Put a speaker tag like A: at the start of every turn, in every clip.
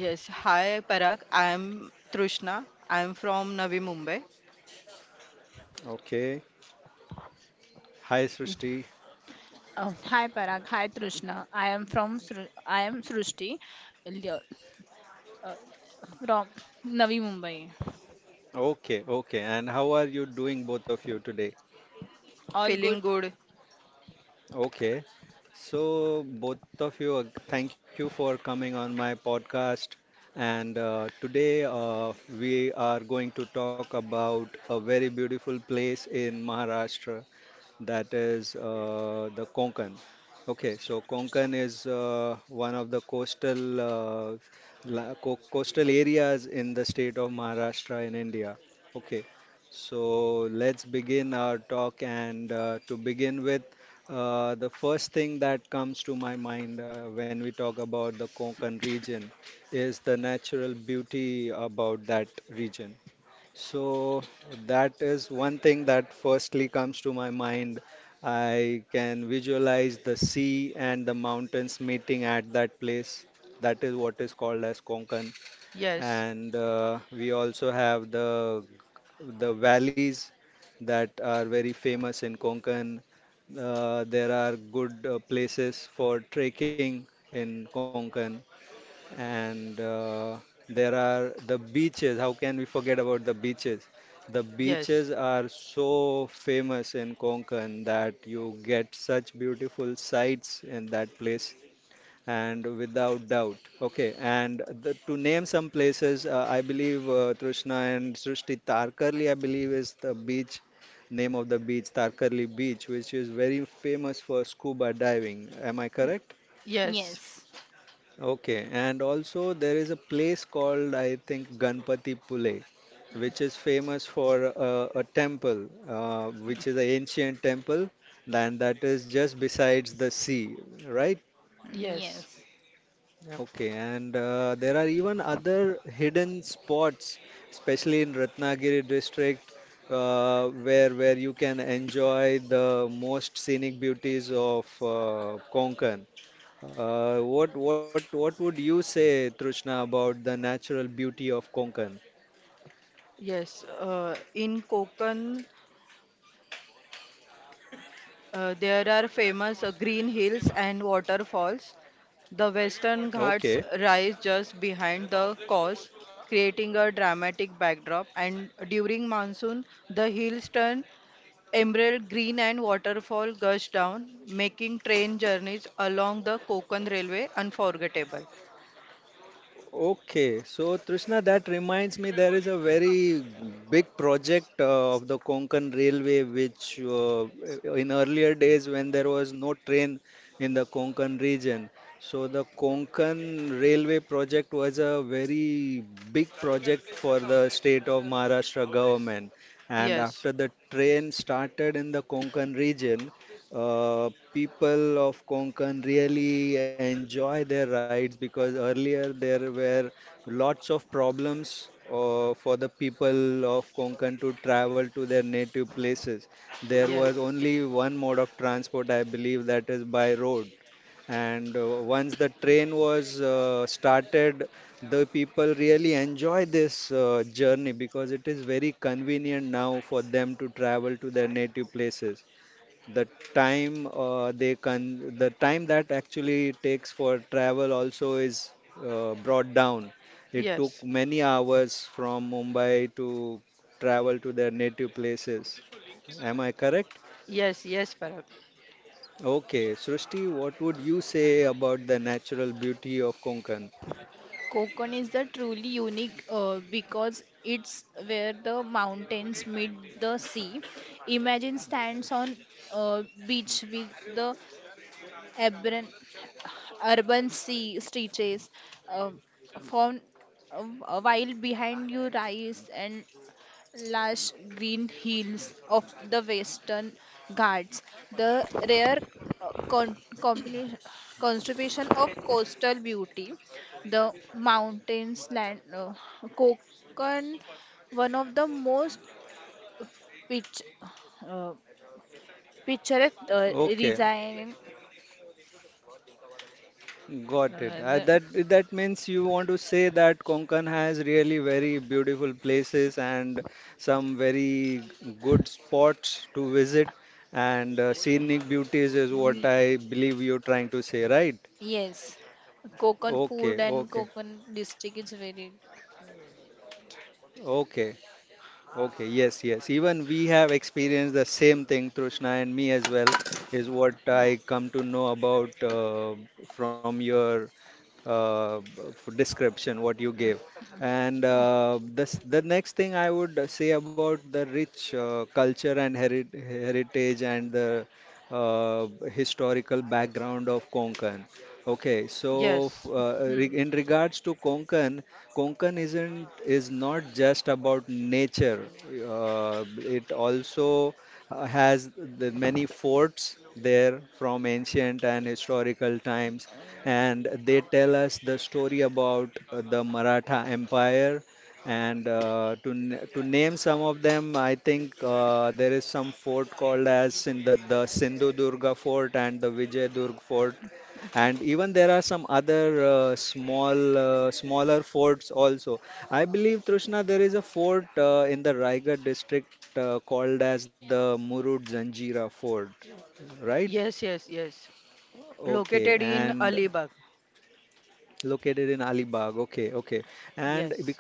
A: Yes, hi Parag. I'm Trishna. I'm from Navi Mumbai.
B: Hi Parag, hi Trishna. I am Srushti Leo- uh, from Navi Mumbai. All
A: Feeling
B: good.
A: good. Yes, yes, yes,
B: Yes,
A: yes,
B: yes,
A: yes. In Konkan, there are famous green hills and waterfalls. The Western Ghats rise just behind the coast, creating a dramatic backdrop. And during monsoon, the hills turn emerald green and waterfall gush down, making train journeys along the Konkan Railway unforgettable. Yes, yes, yes, yes, yes, Parag.
B: Konkan is the truly unique, because it's where the mountains meet the sea. Imagine stands on beach with the urban, urban sea stretches uh, from while behind you rise and lush green hills of the Western Ghats, the rare uh, con- combination- constipation of coastal beauty, the mountains, land, Konkan, one of the most pitch, uh, picturesque design. Uh, the, ye- yes, Konkan food and Konkan district is very.
A: Yes,
B: Hmm.
A: yes, yes, yes. Located in Alibag. Yes,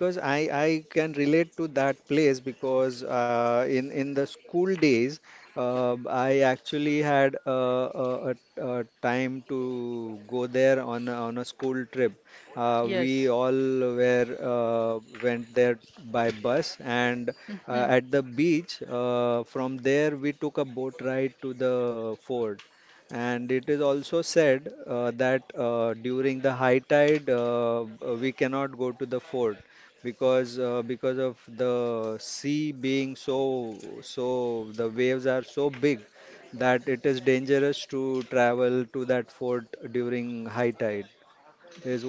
A: yes,
B: Mhm.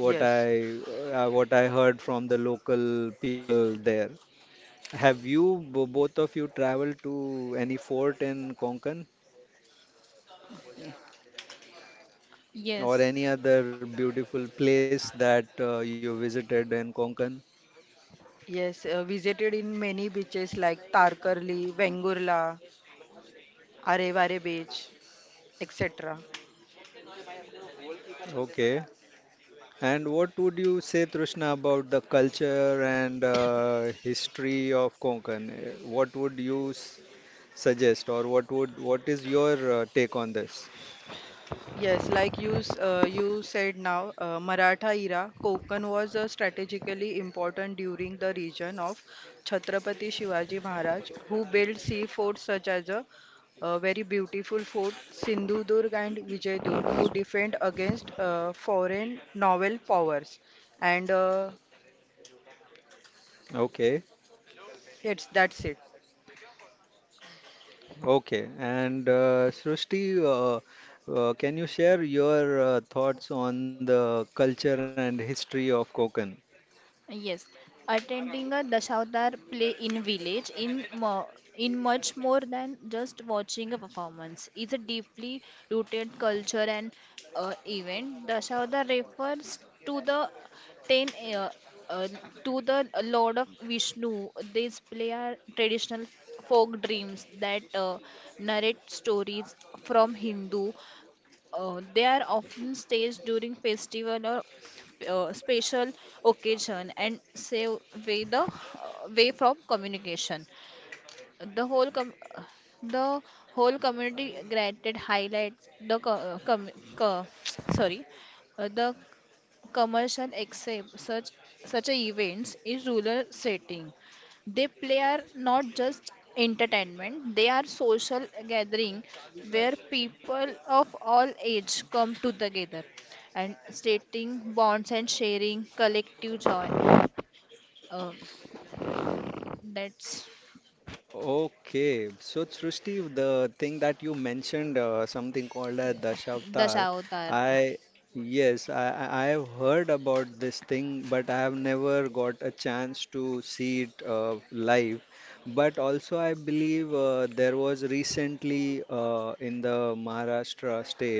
A: yes,
B: Yes.
A: yes. Visited in many beaches like Tarkarli, Vengurla, Arevare Beach, etc. Yes, like you said now, Maratha era, Konkan was strategically important during the region of Chhatrapati Shivaji Maharaj, who built sea forts such as very beautiful fort Sindhudurg and Vijayadurg to defend against foreign naval powers. And it's that's it.
B: Yes, attending a Dashavatar play in village in much more than just watching a performance is a deeply rooted culture and event. Dashavatar refers to the 10 uh, uh, to the Lord of Vishnu. These play are traditional folk dreams that narrate stories from Hindu, they are often staged during festival or special occasion and save way the way from communication. The the whole community granted highlight the co- sorry, the commercial except such a events is rural setting. They play are not just entertainment. They are social gathering where people of all age come to together and stating bonds and sharing collective joy uh, that's Dashavatar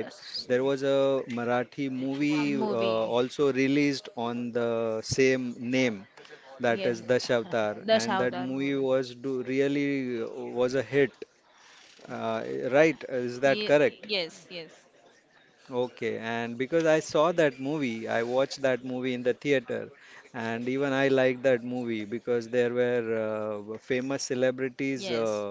B: uh, s- movie. Yes. Dashavatar movie. Yes, yes, yes.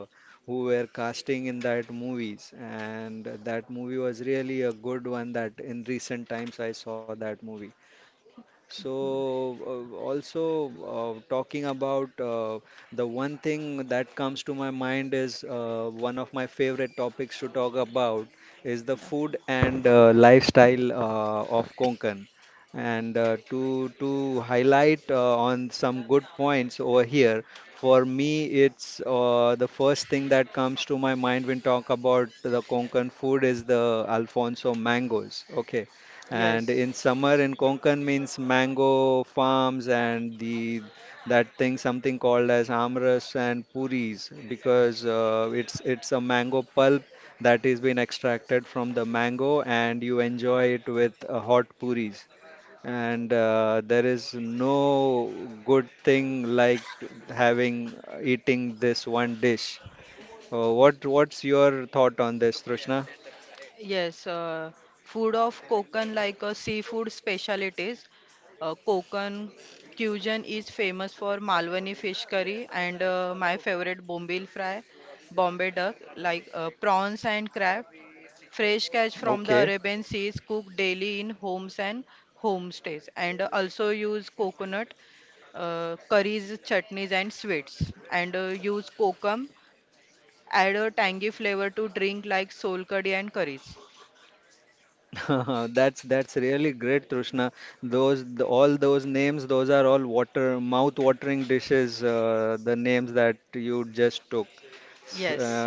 B: Okay.
A: Yes. Yes, food of Konkan like seafood specialties. Konkan cuisine is famous for Malwani fish curry and my favorite Bombil fry, Bombay duck, like prawns and crab. Fresh catch from the Arabian seas cooked daily in homes and homestays. And also use coconut curries, chutneys and sweets. And use kokum, add a tangy flavor to drink like sol curry and curries. Yes.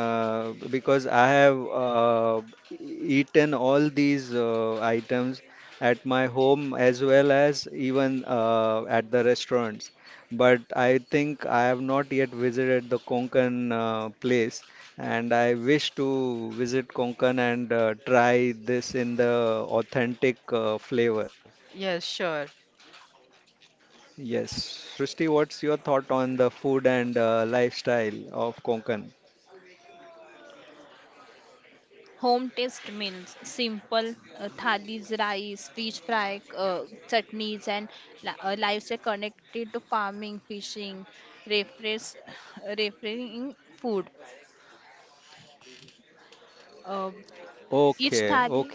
A: Yes, sure.
B: Home taste meals, simple thalis, rice, fish fry, chutneys, and livestock connected to farming, fishing, refresh, refreshing food. Uh, each thali,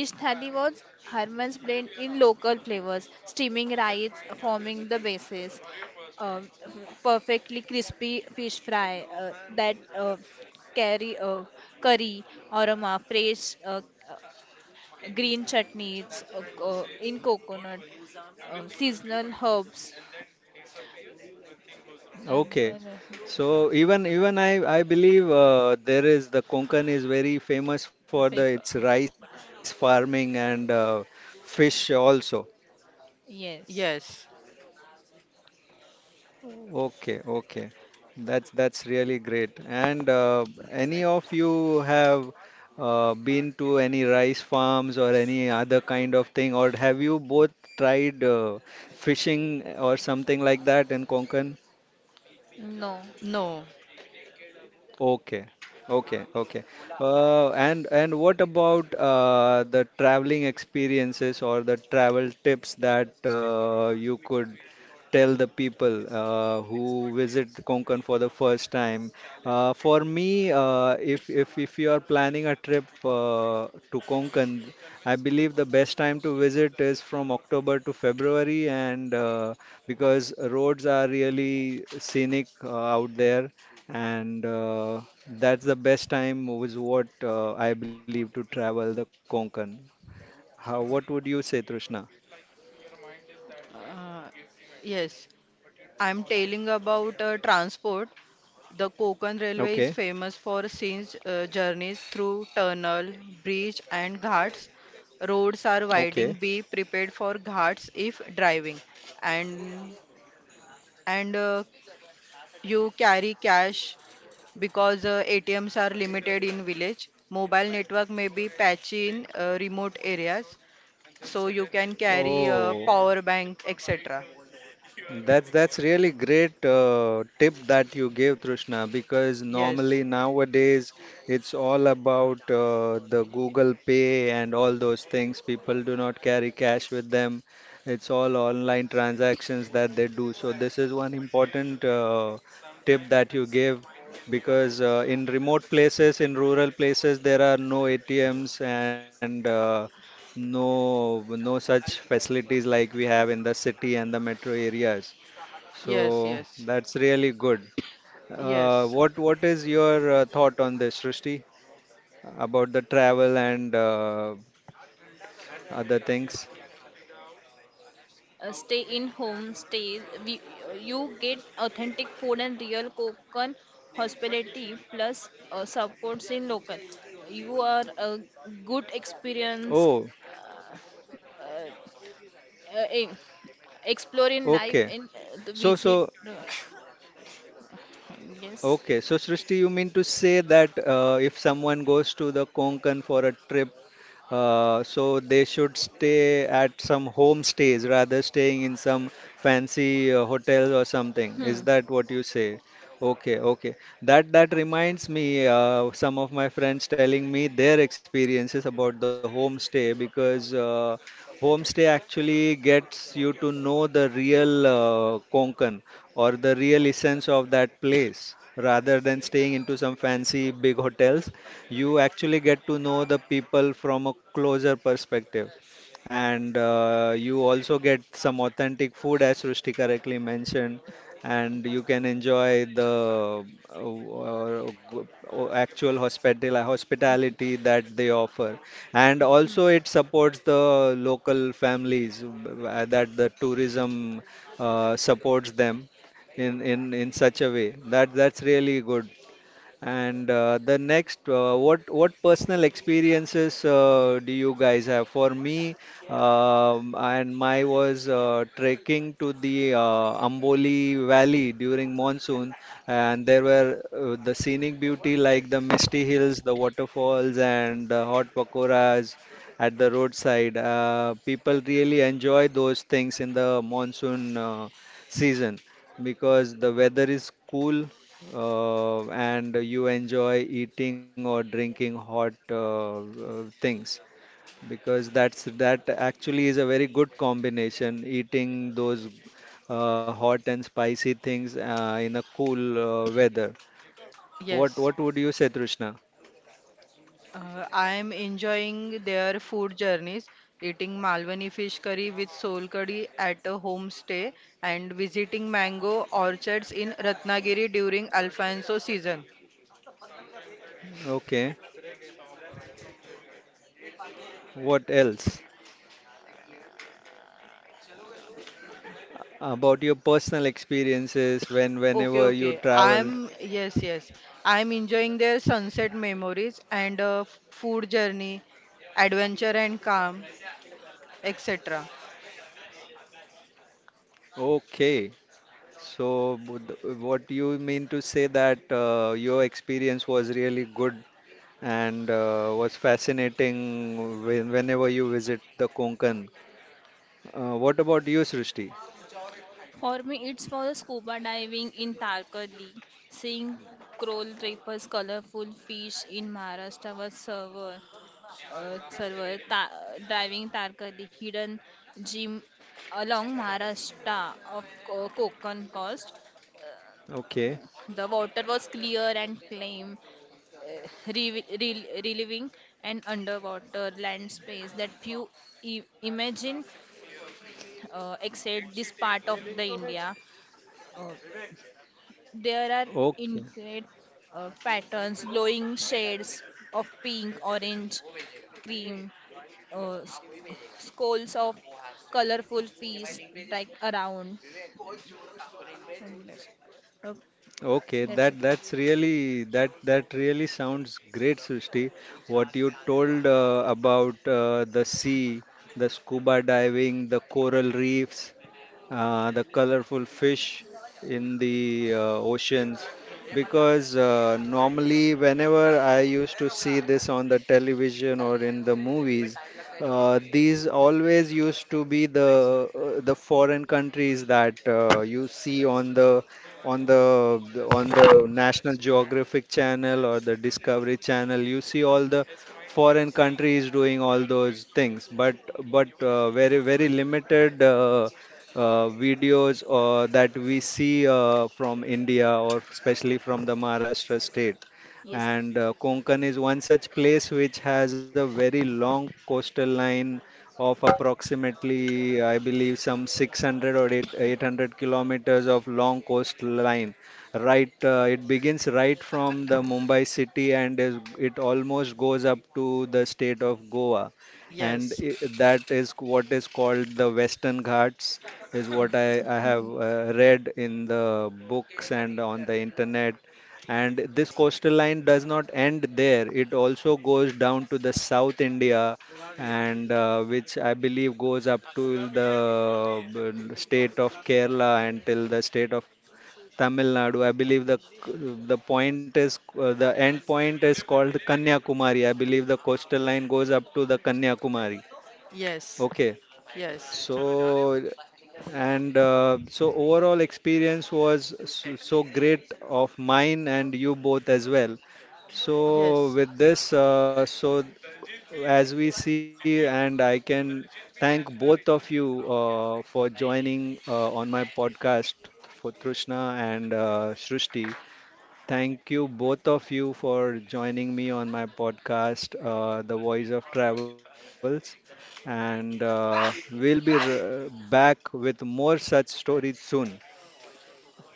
B: each thali was Herman's blend in local flavors, steaming rice forming the basis. Uh, Perfectly crispy fish fry that carry curry aroma, fresh green chutneys in coconut, seasonal herbs. And then I said, the paper. Yes.
A: Yes.
B: No.
A: No. Uh, yes, I'm telling about transport. The Konkan Railway is famous for scenes journeys through tunnel, bridge, and ghats. Roads are winding. Be prepared for ghats if driving, and and you carry cash because ATMs are limited in village. Mobile network may be patchy in remote areas, so you can carry a power bank, etc. Yes, yes, yes, yes,
B: Stay in home. Stay. We, you get authentic food and real Konkan hospitality plus supports in local. You are a good experience. Uh, uh, uh, eh, Explore exploring life and the visit. uh, yes. Hmm. Hmm.
A: yes. I am enjoying their food journeys, eating Malwani fish curry with sol curry at a homestay and visiting mango orchards in Ratnagiri during Alfonso season. Okay, okay. Yes, yes. I'm enjoying their sunset memories and food journey, adventure and calm, etc.
B: For me, it's for the scuba diving in Tarkali, seeing coral reefs, colorful fish in Maharashtra was server ta diving Tarkali, hidden gem along Maharashtra of Co Konkan coast. The water was clear and calm, uh, re re relieving an underwater land space that few I imagine except this part of the India. Uh, There are intricate patterns, glowing shades of pink, orange, cream, uh, s- skulls of colorful fish like around. And oh, that's okay. Yes.
A: Yes,
B: Mhm.
A: yes, yes, yes,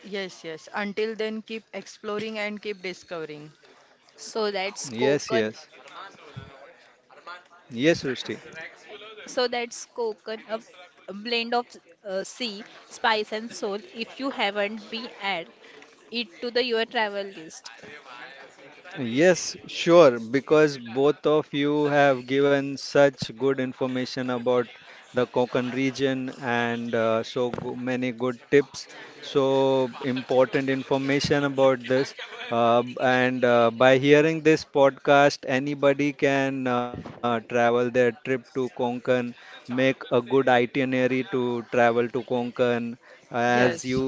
A: yes, yes. Until then, keep exploring and keep discovering.
B: So that's coconut. So that's coconut, a blend of sea, spice, and soul. If you haven't, be add it to the your travel list.
A: Yes,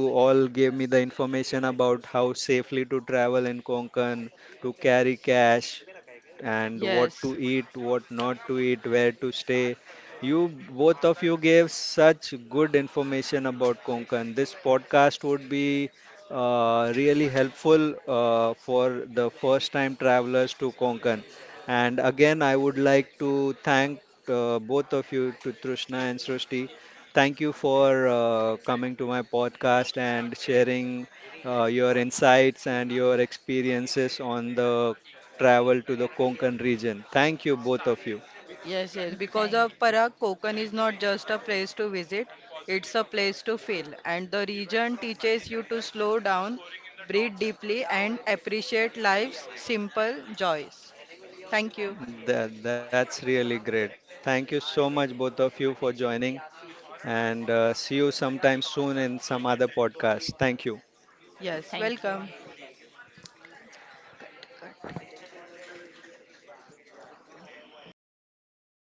A: yes, yes, yes. Because of
B: Thank,
A: Parag, Konkan is not just a place to visit, it's a place to feel. And the region teaches you to slow down, breathe deeply, and appreciate life's simple joys. Thank you. Yes,
B: thank you.
A: welcome.